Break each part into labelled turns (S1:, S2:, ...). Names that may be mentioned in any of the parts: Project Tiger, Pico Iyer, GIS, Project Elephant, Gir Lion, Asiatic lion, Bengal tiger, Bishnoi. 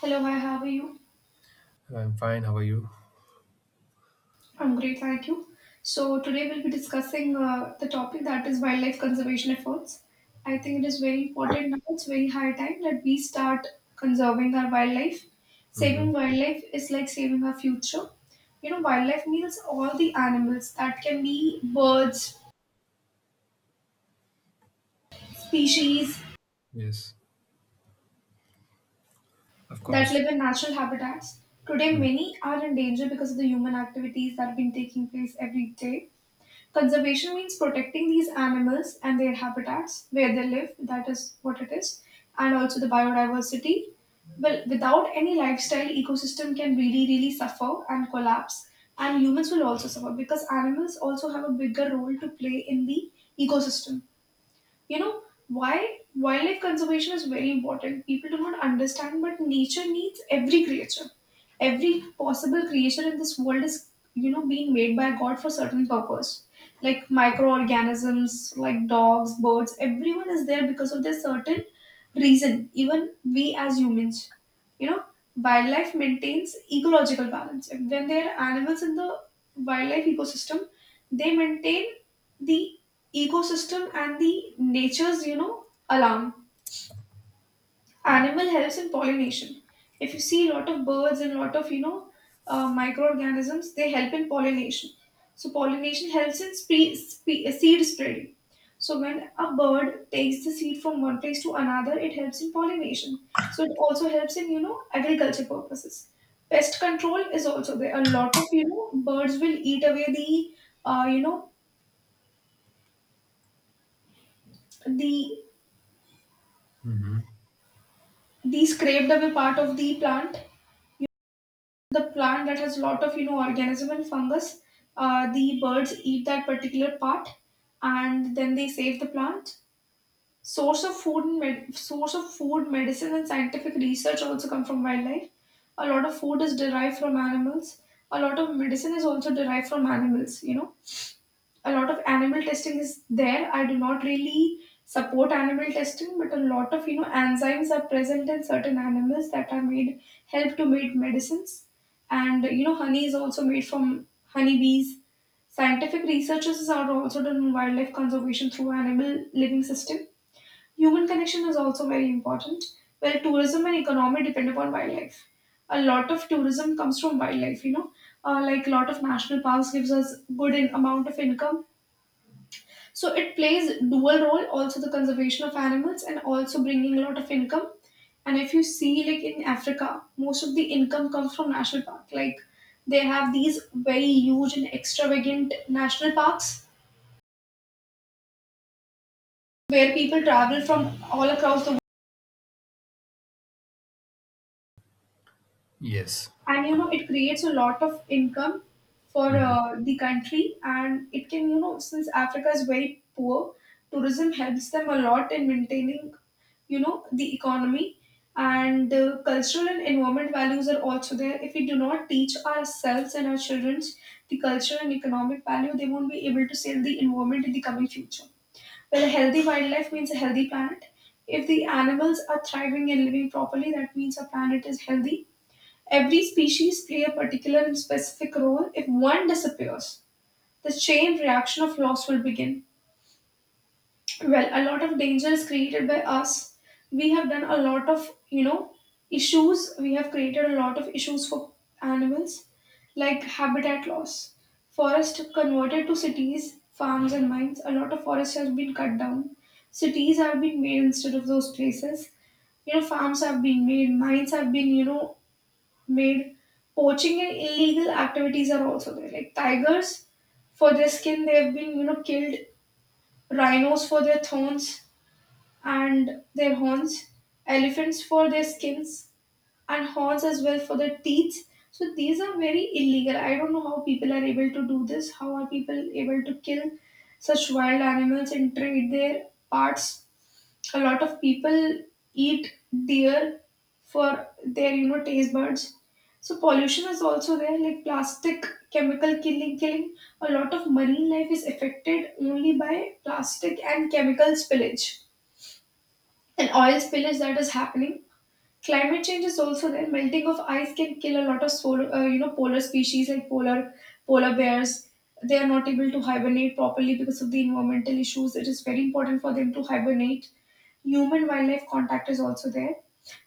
S1: Hello, hi, how are you?
S2: I'm fine. How are you?
S1: I'm great, thank you. So, today we'll be discussing the topic that is wildlife conservation efforts. I think it is very important now, it's very high time that we start conserving our wildlife.
S2: Mm-hmm.
S1: Saving wildlife is like saving our future. You know, wildlife means all the animals that can be birds, species,
S2: Yes, of
S1: that
S2: course.
S1: live in natural habitats. Today, many are in danger because of the human activities that have been taking place every day. Conservation means protecting these animals and their habitats where they live, that is what it is, and also the biodiversity. Well, without any lifestyle, ecosystem can really, really suffer and collapse, and humans will also suffer because animals also have a bigger role to play in the ecosystem you know why wildlife conservation is very important people do not understand, but nature needs every creature, every possible creature in this world is, being made by God for certain purpose, like microorganisms, like dogs, birds, everyone is there because of their certain reason. Even we as humans, you know wildlife maintains ecological balance. When there are animals in the wildlife ecosystem, they maintain the ecosystem and the nature's, alarm. Animal helps in pollination. If you see a lot of birds and a lot of, microorganisms, they help in pollination. So pollination helps in seed spreading. So when a bird takes the seed from one place to another, it helps in pollination. So it also helps in, agriculture purposes. Pest control is also there. A lot of, birds will eat away the uh, you know the
S2: Mm-hmm.
S1: they scraped away part of the plant that has lot of, organism and fungus. The birds eat that particular part, and then they save the plant. Source of food and med- source of food, medicine, and scientific research also come from wildlife. A lot of food is derived from animals. A lot of medicine is also derived from animals. A lot of animal testing is there. I do not really support animal testing, but a lot of, enzymes are present in certain animals that are made help to make medicines. And, honey is also made from honeybees. Scientific researches are also done on wildlife conservation through animal living system. Human connection is also very important, where tourism and economy depend upon wildlife. A lot of tourism comes from wildlife. Like a lot of national parks gives us good in amount of income, so it plays dual role, also the conservation of animals and also bringing a lot of income. And if you see, like in Africa, most of the income comes from national park. Like they have these very huge and extravagant national parks where people travel from all across the,
S2: Yes.
S1: and, it creates a lot of income for
S2: Mm-hmm.
S1: the country. And it can, since Africa is very poor, tourism helps them a lot in maintaining, the economy. And cultural and environment values are also there. If we do not teach ourselves and our children the cultural and economic value, they won't be able to save the environment in the coming future. Well, a healthy wildlife means a healthy planet. If the animals are thriving and living properly, that means our planet is healthy. Every species play a particular and specific role. If one disappears, the chain reaction of loss will begin. Well, a lot of danger is created by us. We have done a lot of, issues. We have created a lot of issues for animals, like habitat loss. Forest converted to cities, farms, and mines. A lot of forest has been cut down. Cities have been made instead of those places. You know, farms have been made, mines have been, made. Poaching and illegal activities are also there. Like tigers for their skin, they have been, killed. Rhinos for their thorns and their horns. Elephants for their skins and horns as well for their teeth. So these are very illegal. I don't know how people are able to do this. How are people able to kill such wild animals and trade their parts. A lot of people eat deer for their, taste buds. So pollution is also there, like plastic, chemical, killing, a lot of marine life is affected only by plastic and chemical spillage and oil spillage that is happening. Climate change is also there. Melting of ice can kill a lot of polar species, like polar bears. They are not able to hibernate properly because of the environmental issues. It is very important for them to hibernate. Human wildlife contact is also there.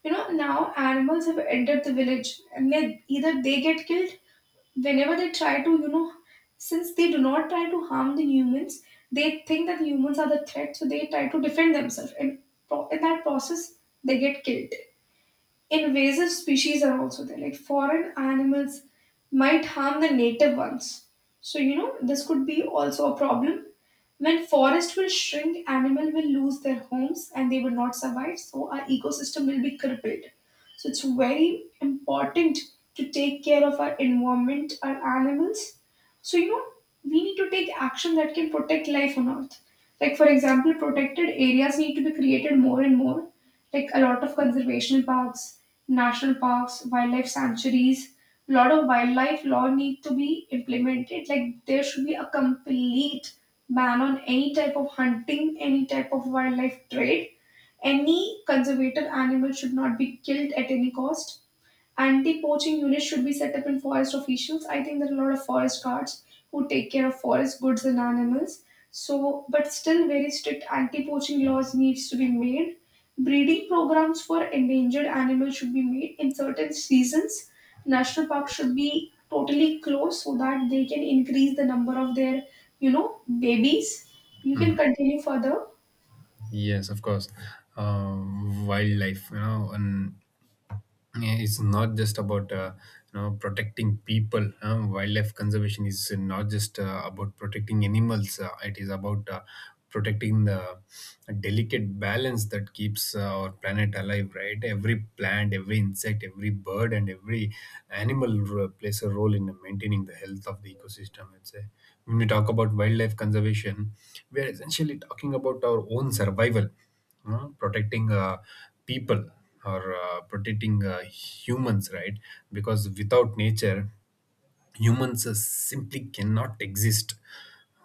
S1: You know, now animals have entered the village, and they either they get killed whenever they try to, since they do not try to harm the humans, they think that humans are the threat, so they try to defend themselves, and in that process they get killed. Invasive species are also there, like foreign animals might harm the native ones. So, this could be also a problem. When forest will shrink, animal will lose their homes and they will not survive. So our ecosystem will be crippled. So it's very important to take care of our environment, our animals. So, we need to take action that can protect life on earth. Like for example, protected areas need to be created more and more, like a lot of conservation parks, national parks, wildlife sanctuaries. A lot of wildlife law need to be implemented. Like there should be a complete ban on any type of hunting, any type of wildlife trade. Any conservative animal should not be killed at any cost. Anti-poaching units should be set up in forest officials. I think there are a lot of forest guards who take care of forest goods and animals. So, but still, very strict anti-poaching laws needs to be made. Breeding programs for endangered animals should be made in certain seasons. National parks should
S2: Yes.
S1: be totally closed so that they can increase the number of their, babies. You can continue further.
S2: Yes, of course. Wildlife, you know, and Yeah, it's not just about protecting people. Wildlife conservation is not just about protecting animals. It is about protecting the delicate balance that keeps our planet alive, right? Every plant, every insect, every bird, and every animal plays a role in maintaining the health of the ecosystem, I'd say. When we talk about wildlife conservation, we are essentially talking about our own survival. Protecting people, or protecting humans, right? Because without nature, humans simply cannot exist.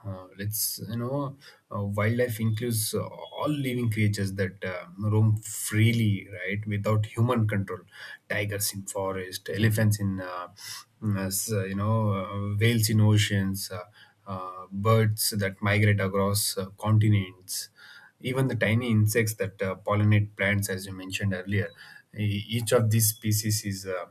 S2: Let's you know Wildlife includes all living creatures that roam freely, right, without human control. Tigers in forest, elephants in whales in oceans, birds that migrate across continents, even the tiny insects that pollinate plants, as you mentioned earlier. Each of these species is uh,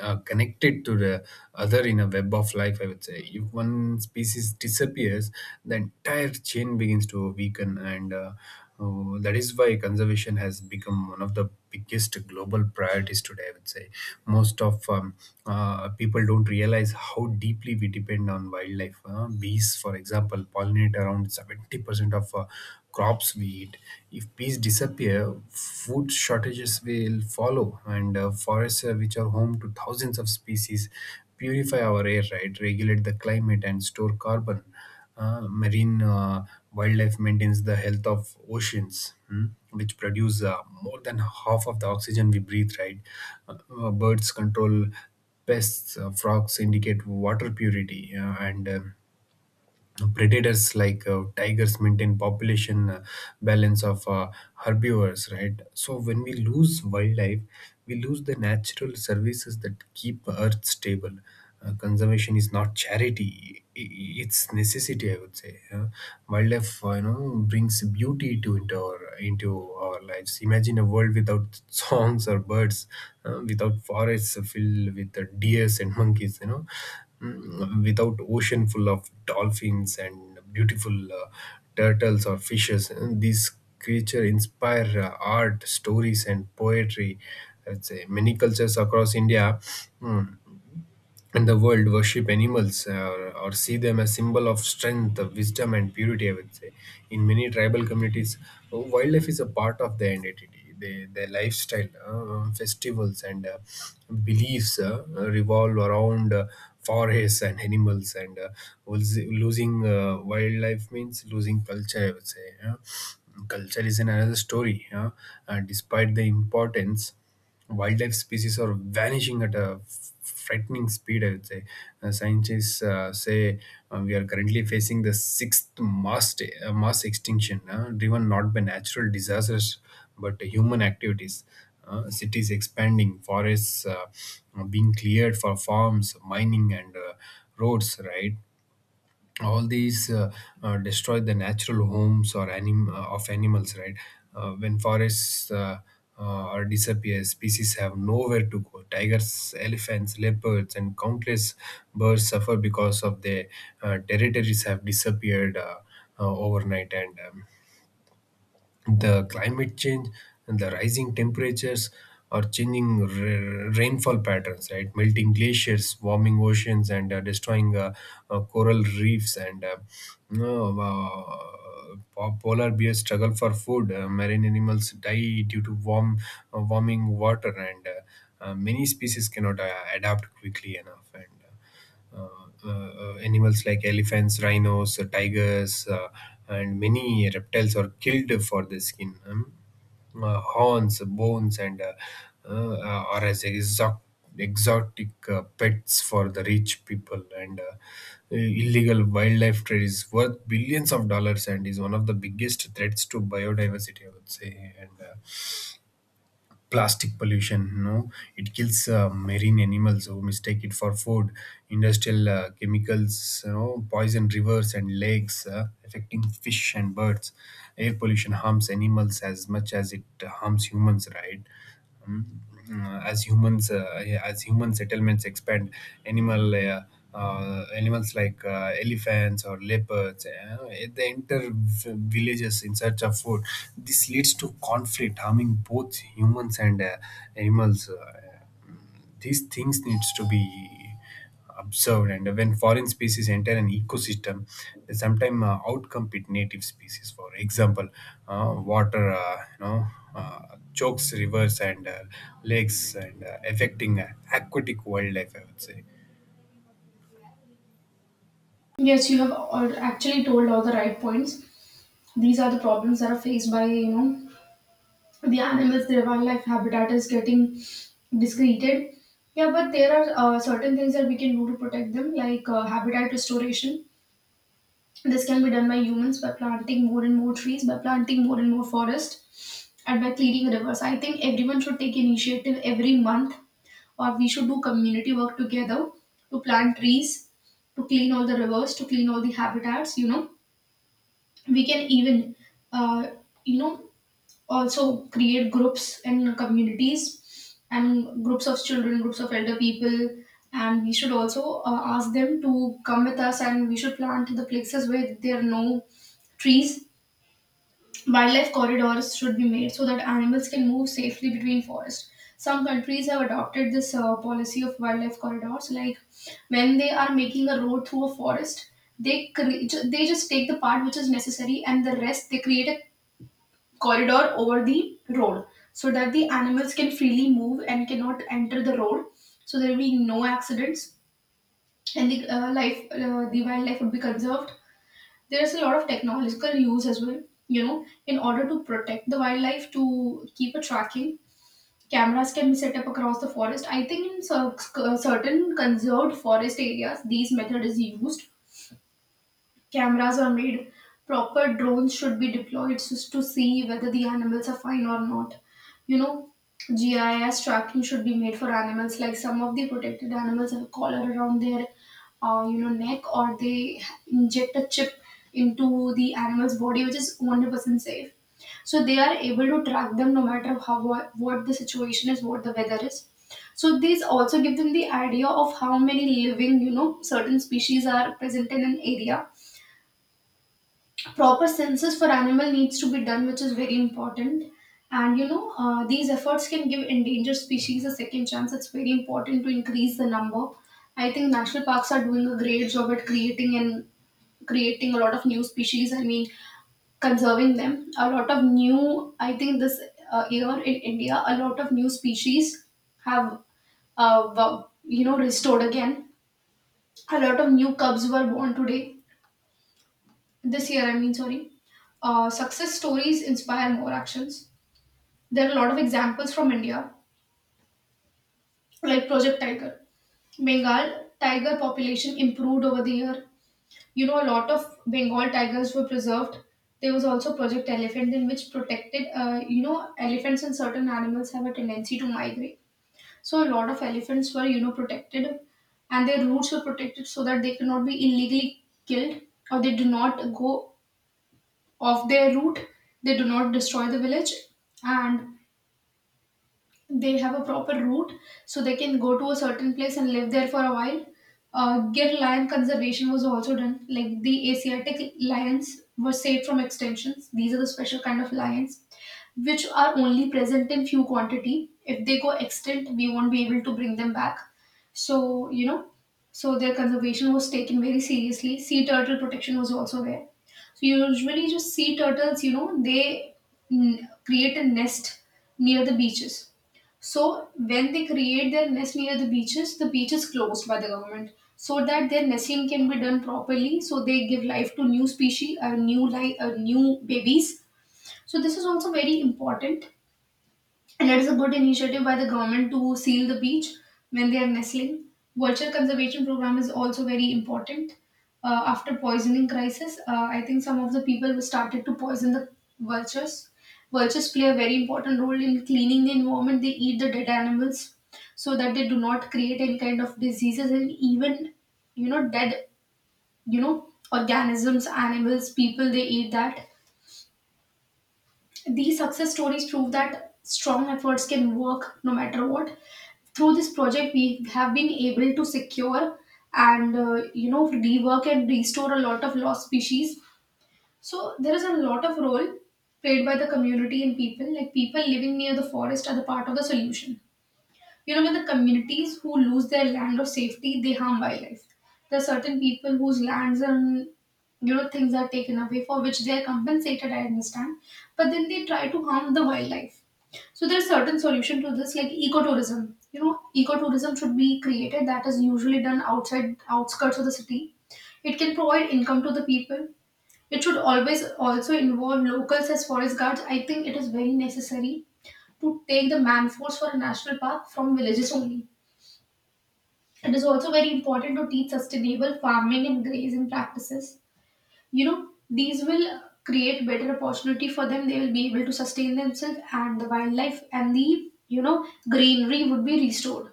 S2: uh, connected to the other in a web of life, I would say. If one species disappears, the entire chain begins to weaken, and that is why conservation has become one of the biggest global priorities today, I would say. Most of people don't realize how deeply we depend on wildlife. Bees, for example, pollinate around 70% of crops we eat. If bees disappear, food shortages will follow, and forests, which are home to thousands of species, purify our air, right? Regulate the climate and store carbon. Marine wildlife maintains the health of oceans, which produce more than half of the oxygen we breathe, right? Uh, Birds control pests, frogs indicate water purity, and predators like tigers maintain population balance of herbivores, right. So when we lose wildlife, we lose the natural services that keep earth stable. Conservation is not charity, it's necessity, I would say, yeah. Wildlife brings beauty to into our lives. Imagine a world without songs or birds, without forests filled with deers and monkeys, without ocean full of dolphins and beautiful turtles or fishes. And these creatures inspire art, stories, and poetry, I'd say. Many cultures across India, mm, in the world worship animals or see them as symbol of strength, wisdom, and purity, I would say. In many tribal communities, wildlife is a part of their identity. They, their lifestyle, festivals, and beliefs revolve around forests and animals, and losing wildlife means losing culture, I would say, yeah. Culture is another story, yeah. And despite the importance, wildlife species are vanishing at a frightening speed, I would say. Scientists say we are currently facing the sixth mass extinction, driven not by natural disasters but human activities. Cities expanding, forests being cleared for farms, mining, and roads, right. All these destroy the natural homes, or of animals, right. When forests are disappear, species have nowhere to go. Tigers, elephants, leopards, and countless birds suffer because of their territories have disappeared overnight, and the climate change and the rising temperatures are changing rainfall patterns, right. Melting glaciers, warming oceans, and destroying coral reefs, and you polar bears struggle for food. Marine animals die due to warming water, and many species cannot adapt quickly enough, and uh, animals like elephants, rhinos, tigers, and many reptiles are killed for their skin, horns, bones, and uh, are as exotic pets for the rich people. And illegal wildlife trade is worth billions of dollars and is one of the biggest threats to biodiversity, I would say. And plastic pollution, no, it kills marine animals who mistake it for food. Industrial chemicals, you know, poison rivers and lakes, affecting fish and birds. Air pollution harms animals as much as it harms humans, right. Mm, as humans, yeah, as human settlements expand, animal uh, animals like elephants or leopards, they enter villages in search of food. This leads to conflict, harming both humans and animals. These things needs to be observed. And when foreign species enter an ecosystem, they sometimes outcompete native species. For example, water chokes rivers and lakes, and affecting aquatic wildlife, I would say.
S1: Yes, you have actually told all the right points. These are the problems that are faced by, the animals, their wildlife habitat is getting discreted. Yeah, but there are certain things that we can do to protect them, like habitat restoration. This can be done by humans by planting more and more trees, by planting more and more forest, and by cleaning rivers. I think everyone should take initiative every month, or we should do community work together to plant trees, to clean all the rivers, to clean all the habitats. You know, we can even, uh, you know, also create groups in communities and groups of children, groups of elder people, and we should also ask them to come with us, and we should plant the places where there are no trees. Wildlife corridors should be made so that animals can move safely between forests. Some countries have adopted this policy of wildlife corridors, like when they are making a road through a forest, they they just take the part which is necessary, and the rest they create a corridor over the road, so that the animals can freely move and cannot enter the road, so there will be no accidents, and the life the wildlife would be conserved. There is a lot of technological use as well, you know, in order to protect the wildlife. To keep a tracking, cameras can be set up across the forest. I think in certain conserved forest areas these method is used. Cameras are made. Proper drones should be deployed to see whether the animals are fine or not. You know, GIS tracking should be made for animals. Like some of the protected animals have a collar around their, neck, or they inject a chip into the animal's body, which is 100% safe. So they are able to track them no matter how what the situation is, what the weather is. So these also give them the idea of how many living, certain species are present in an area. Proper census for animal needs to be done, which is very important. And you know These efforts can give endangered species a second chance. It's very important to increase the number. I think national parks are doing a great job at creating a lot of new species, I mean conserving them. A lot of new I think this year in India, a lot of new species have uh, w- restored again. A lot of new cubs were born today this year, I mean, sorry, Success stories inspire more actions. There are a lot of examples from India, like Project Tiger. Bengal tiger population improved over the year. You know, a lot of Bengal tigers were preserved. There was also Project Elephant, in which protected, elephants and certain animals have a tendency to migrate. So a lot of elephants were, you know, protected, and their roots were protected so that they cannot be illegally killed, or they do not go of their route, they do not destroy the village, and they have a proper route, so they can go to a certain place and live there for a while. Gir lion conservation was also done, like the Asiatic lions were saved from extinctions. These are the special kind of lions which are only present in few quantity. If they go extinct, we won't be able to bring them back. So, you know, so their conservation was taken very seriously. Sea turtle protection was also there. So usually just sea turtles, you know, they create a nest near the beaches. So when they create their nest near the beaches, the beach is closed by the government so that their nesting can be done properly. So they give life to new species, new life, new babies, so this is also very important, and it is a good initiative by the government to seal the beach when they are nestling. Vulture conservation program is also very important. After poisoning crisis, I think some of the people started to poison the vultures. Vultures play a very important role in cleaning the environment. They eat the dead animals so that they do not create any kind of diseases, and even dead, you know, organisms, animals, people. They eat that. These success stories prove that strong efforts can work no matter what. Through this project, we have been able to secure and, rework and restore a lot of lost species. So there is a lot of role played by the community and people. Like, people living near the forest are the part of the solution. You know, when the communities who lose their land or safety, they harm wildlife. There are certain people whose lands and, things are taken away for which they are compensated. I understand, but then they try to harm the wildlife. So there is certain solution to this, like ecotourism. You know, ecotourism should be created. That is usually done outside outskirts of the city. It can provide income to the people. It should always also involve locals as forest guards. I think it is very necessary to take the man force for a national park from villages only. It is also very important to teach sustainable farming and grazing practices. You know, these will create better opportunity for them. They will be able to sustain themselves and the wildlife, and the, you know, greenery would be restored.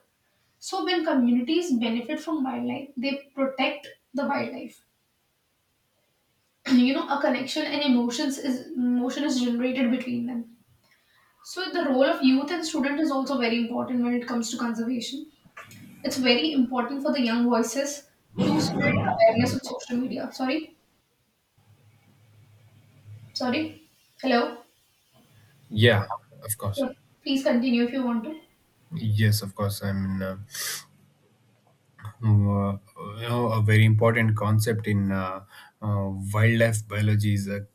S1: So when communities benefit from wildlife, they protect the wildlife. You know, a connection and emotions is emotion is generated between them. So the role of youth and student is also very important when it comes to conservation. It's very important for the young voices to spread awareness on social media. Sorry, sorry. Hello.
S2: Yeah, of course.
S1: Yeah, please continue if you want to.
S2: Yes, of course. I mean, uh, you know, a very important concept in wildlife biology is a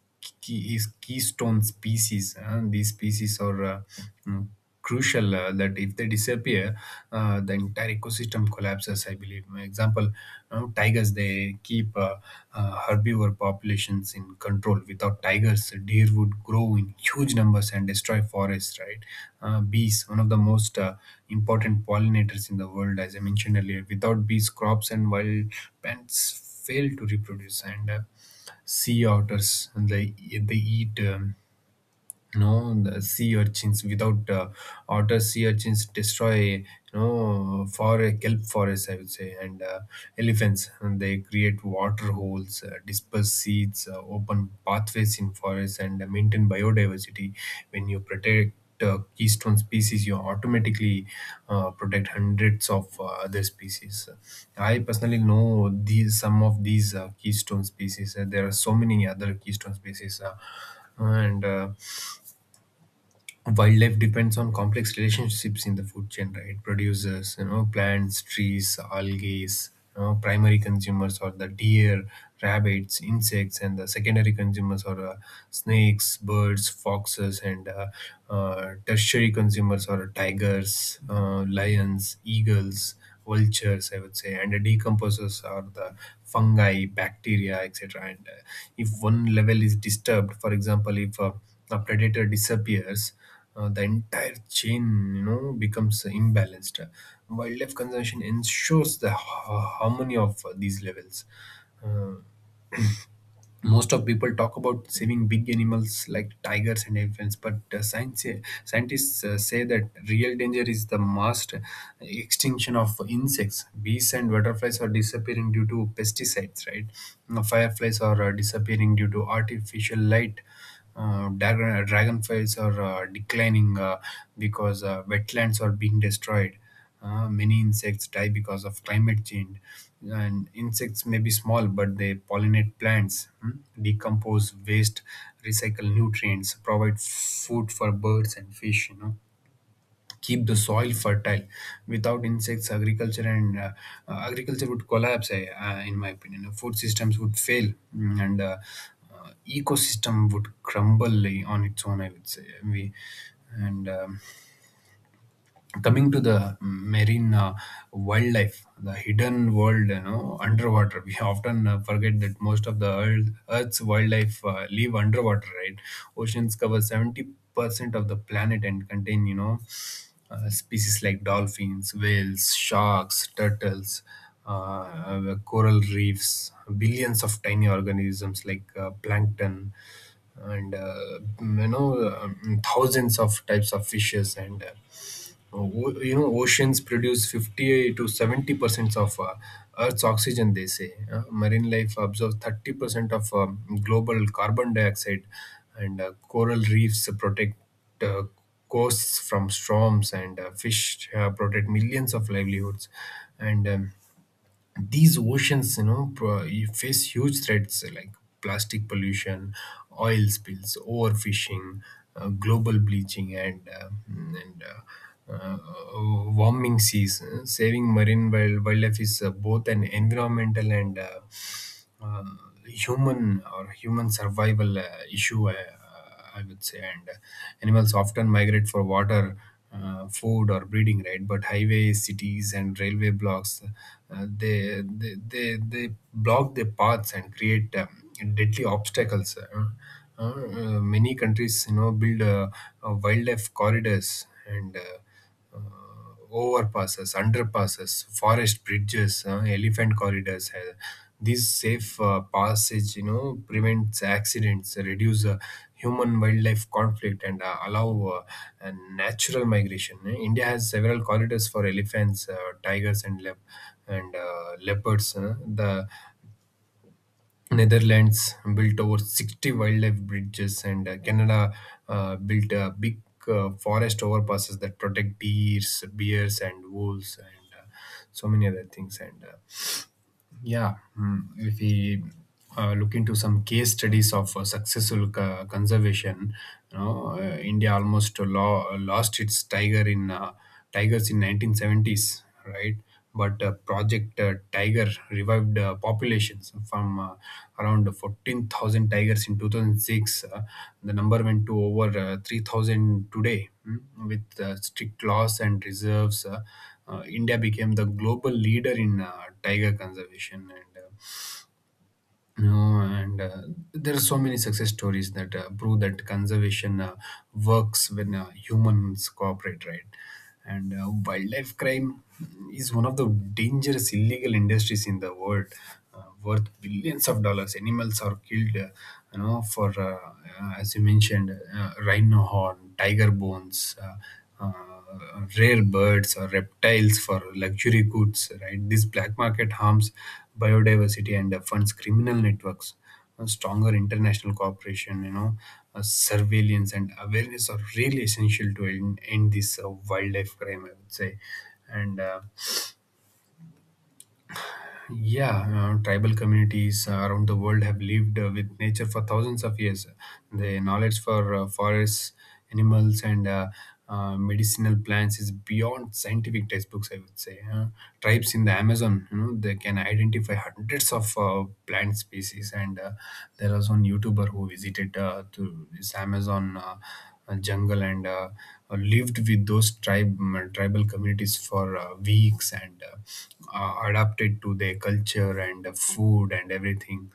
S2: keystone species, and these species are mm, crucial that if they disappear, the entire ecosystem collapses, I believe. For example, you know, tigers, they keep herbivore populations in control. Without tigers, deer would grow in huge numbers and destroy forests, right? Bees, one of the most important pollinators in the world, as I mentioned earlier. Without bees, crops and wild plants fail to reproduce. And sea otters, and they eat. No, the sea urchins. Without otter, sea urchins destroy, you know, for a kelp forest, I would say. And elephants, and they create water holes, disperse seeds, open pathways in forests, and maintain biodiversity. When you protect keystone species, you automatically protect hundreds of other species. I personally know these, some of these keystone species. There are so many other keystone species and wildlife depends on complex relationships in the food chain, right? Producers, you know, plants, trees, algae, you know, primary consumers, or the deer, rabbits, insects, and the secondary consumers, or snakes, birds, foxes, and tertiary consumers, or tigers, lions, eagles, vultures, I would say, and the decomposers are the fungi, bacteria, etc. And if one level is disturbed, for example, if a predator disappears, the entire chain, you know, becomes imbalanced. Wildlife conservation ensures the harmony of these levels. Uh, Most of people talk about saving big animals like tigers and elephants, but scientists say that real danger is the mass extinction of insects. Bees and butterflies are disappearing due to pesticides, right. Now, fireflies are disappearing due to artificial light. Dragonflies are declining because wetlands are being destroyed. Many insects die because of climate change, and insects may be small, but they pollinate plants, decompose waste, recycle nutrients, provide food for birds and fish, you know, keep the soil fertile. Without insects, agriculture and agriculture would collapse. I, in my opinion, food systems would fail, and ecosystem would crumble on its own, I would say. We and. Coming to the marine wildlife, the hidden world, you know, underwater. We often forget that most of the earth's wildlife live underwater, right? Oceans cover 70% of the planet and contain, you know, species like dolphins, whales, sharks, turtles, coral reefs, billions of tiny organisms like plankton, and thousands of types of fishes, and you know, oceans produce 50 to 70% of Earth's oxygen, they say. Marine life absorbs 30% of global carbon dioxide, and coral reefs protect uh, coasts from storms, and fish protect millions of livelihoods. And these oceans, you know, pro- you face huge threats like plastic pollution, oil spills, overfishing, global bleaching, and warming seas. Saving wildlife is both an environmental and uh, human survival issue, I would say. And animals often migrate for water, food, or breeding, right. But highways, cities, and railway blocks, they block their paths and create deadly obstacles. Many countries, you know, build wildlife corridors and overpasses, underpasses, forest bridges, elephant corridors. These safe passage, you know, prevents accidents, reduce human-wildlife conflict, and allow a natural migration. India has several corridors for elephants, tigers, and leopards. The Netherlands built over 60 wildlife bridges, and Canada built a big forest overpasses that protect deers, bears, and wolves, and so many other things. And yeah, if we look into some case studies of successful conservation, you know, India almost lo- lost its tiger in tigers in 1970s, right? But Project Tiger revived populations from, around 14,000 tigers in 2006. The number went to over 3,000 today, with strict laws and reserves. India became the global leader in tiger conservation, and you know, and uh, there are so many success stories that prove that conservation works when humans cooperate, right. And wildlife crime is one of the dangerous illegal industries in the world, uh, worth billions of dollars. Animals are killed for as you mentioned rhino horn, tiger bones, rare birds or reptiles for luxury goods, right. This black market harms biodiversity and funds criminal networks. A stronger international cooperation, you know, surveillance and awareness are really essential to end this wildlife crime, I would say. And yeah, tribal communities around the world have lived with nature for thousands of years. The knowledge for forests, animals, and medicinal plants is beyond scientific textbooks, I would say. Tribes in the Amazon, you know, they can identify hundreds of plant species, and there was one YouTuber who visited to this Amazon jungle, and lived with those tribe tribal communities for weeks, and adapted to their culture and food and everything.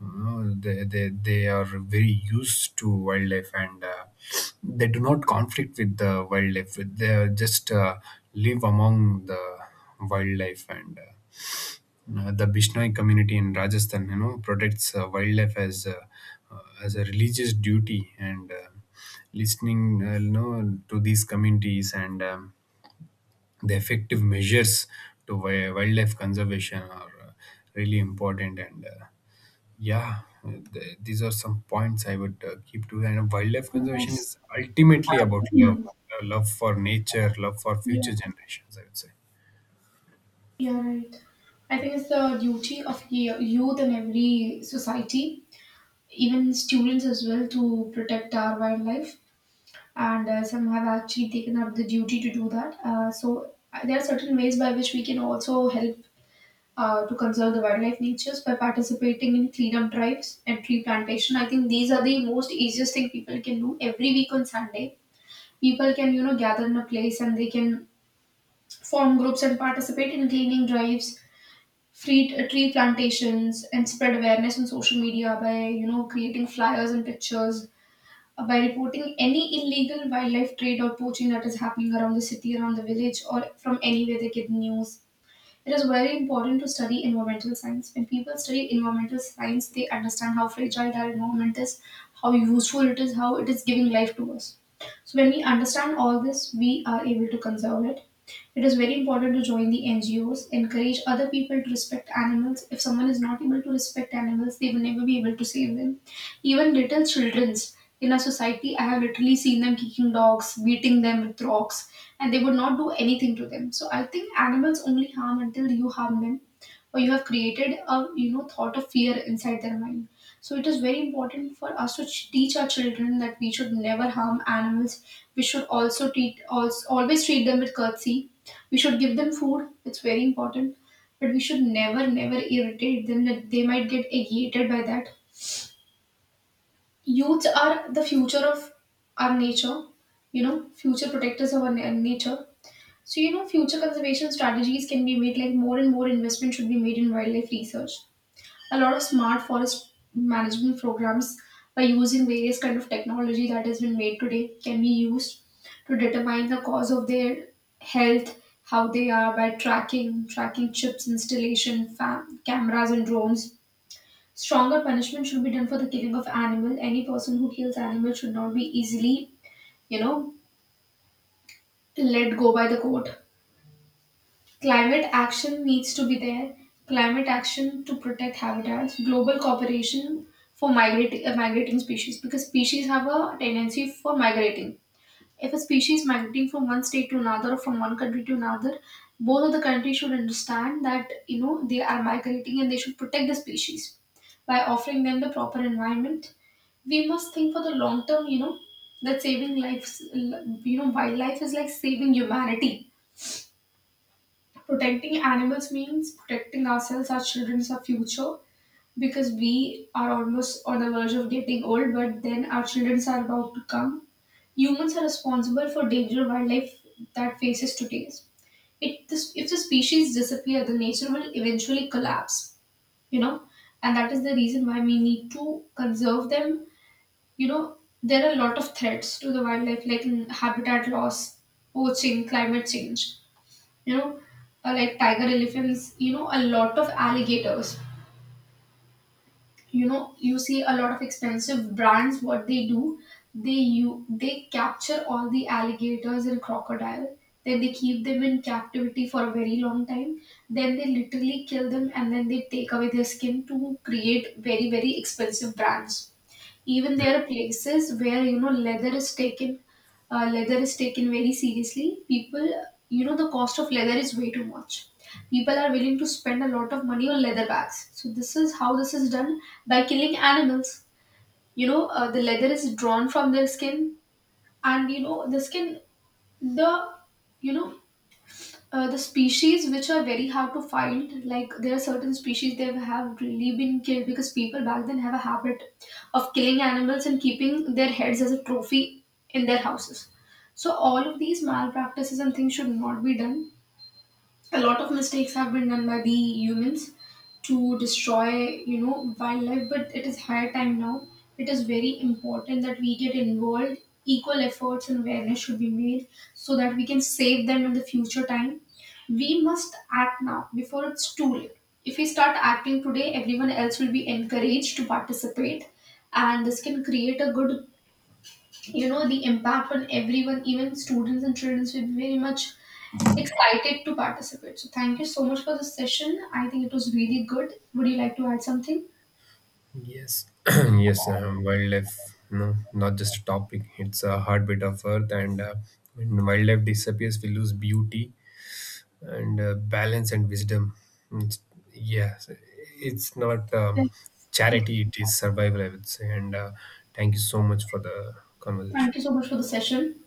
S2: You they are very used to wildlife, and they do not conflict with the wildlife. They are just live among the wildlife, and the Bishnoi community in Rajasthan, you know, protects wildlife as a religious duty, and listening, you know, to these communities, and the effective measures to wildlife conservation are really important. And yeah, these are some points I would keep to. And wildlife conservation
S1: Yes.
S2: is ultimately about love,
S1: Mm.
S2: love for nature, love for
S1: Yeah,
S2: future generations, I would say.
S1: you're right. I think it's the duty of youth in every society, even students as well, to protect our wildlife. And some have actually taken up the duty to do that. So there are certain ways by which we can also help to conserve the wildlife natures by participating in cleanup drives and tree plantation. I think these are the most easiest thing people can do every week on Sunday. People can, you know, gather in a place, and they can form groups and participate in cleaning drives, free tree plantations, and spread awareness on social media by, you know, creating flyers and pictures, by reporting any illegal wildlife trade or poaching that is happening around the city, around the village, or from anywhere they get news. It is very important to study environmental science. When people study environmental science, they understand how fragile our environment is, how useful it is, how it is giving life to us. So when we understand all this, we are able to conserve it. It is very important to join the NGOs, encourage other people to respect animals. If someone is not able to respect animals, they will never be able to save them. Even little children's in a society, I have literally seen them kicking dogs, beating them with rocks, and they would not do anything to them. So I think animals only harm until you harm them, or you have created a, you know, thought of fear inside their mind. So it is very important for us to teach our children that we should never harm animals. We should always treat them with courtesy. We should give them food. It's very important. But we should never irritate them that they might get agitated by that. Youths are the future of our nature, you know, future protectors of our nature. So, you know, future conservation strategies can be made, like more and more investment should be made in wildlife research. A lot of smart forest management programs, by using various kind of technology that has been made today, can be used to determine the cause of their health, how they are, by tracking chips installation, cameras and drones. Stronger punishment should be done for the killing of animal. Any person who kills animal should not be easily, you know, let go by the court. Climate action needs to be there. Climate action to protect habitats. Global cooperation for migrating species, because species have a tendency for migrating. If a species migrating from one state to another, or from one country to another, both of the countries should understand that, you know, they are migrating, and they should protect the species by offering them the proper environment. We must think for the long term, you know, that saving lives, you know, wildlife is like saving humanity. Protecting animals means protecting ourselves, our children, our future, because we are almost on the verge of getting old, but then our children are about to come. Humans are responsible for danger wildlife that faces today. If the species disappear, the nature will eventually collapse, you know, and that is the reason why we need to conserve them. You know, there are a lot of threats to the wildlife, like habitat loss, poaching, climate change, you know, like tiger elephants, you know, a lot of alligators. You know, you see a lot of expensive brands. What they do, they you they capture all the alligators and crocodile, then they keep them in captivity for a very long time, then they literally kill them, and then they take away their skin to create very very expensive brands. Even there are places where, you know, leather is taken. Leather is taken very seriously. People, you know, the cost of leather is way too much. People are willing to spend a lot of money on leather bags. So this is how this is done, by killing animals. You know, the leather is drawn from their skin. And you know, the you know the species which are very hard to find, like there are certain species that have really been killed because people back then have a habit of killing animals and keeping their heads as a trophy in their houses. So all of these malpractices and things should not be done. A lot of mistakes have been done by the humans to destroy, you know, wildlife. But it is high time now. It is very important that we get involved. Equal efforts and awareness should be made, so that we can save them in the future time. We must act now before it's too late. If we start acting today, everyone else will be encouraged to participate, and this can create a good, you know, the impact on everyone. Even students and children will be very much excited to participate. So thank you so much for this session. I think it was really good. Would you like to add something?
S2: Yes, yes, wildlife, no, not just a topic, it's a heartbeat of earth. And when wildlife disappears, we lose beauty and balance and wisdom. It's, yes, it's not
S1: Thank— Okay.
S2: charity, it is survival, I would say. And thank you so much for the
S1: Thank
S2: conversation.
S1: you so much for the session.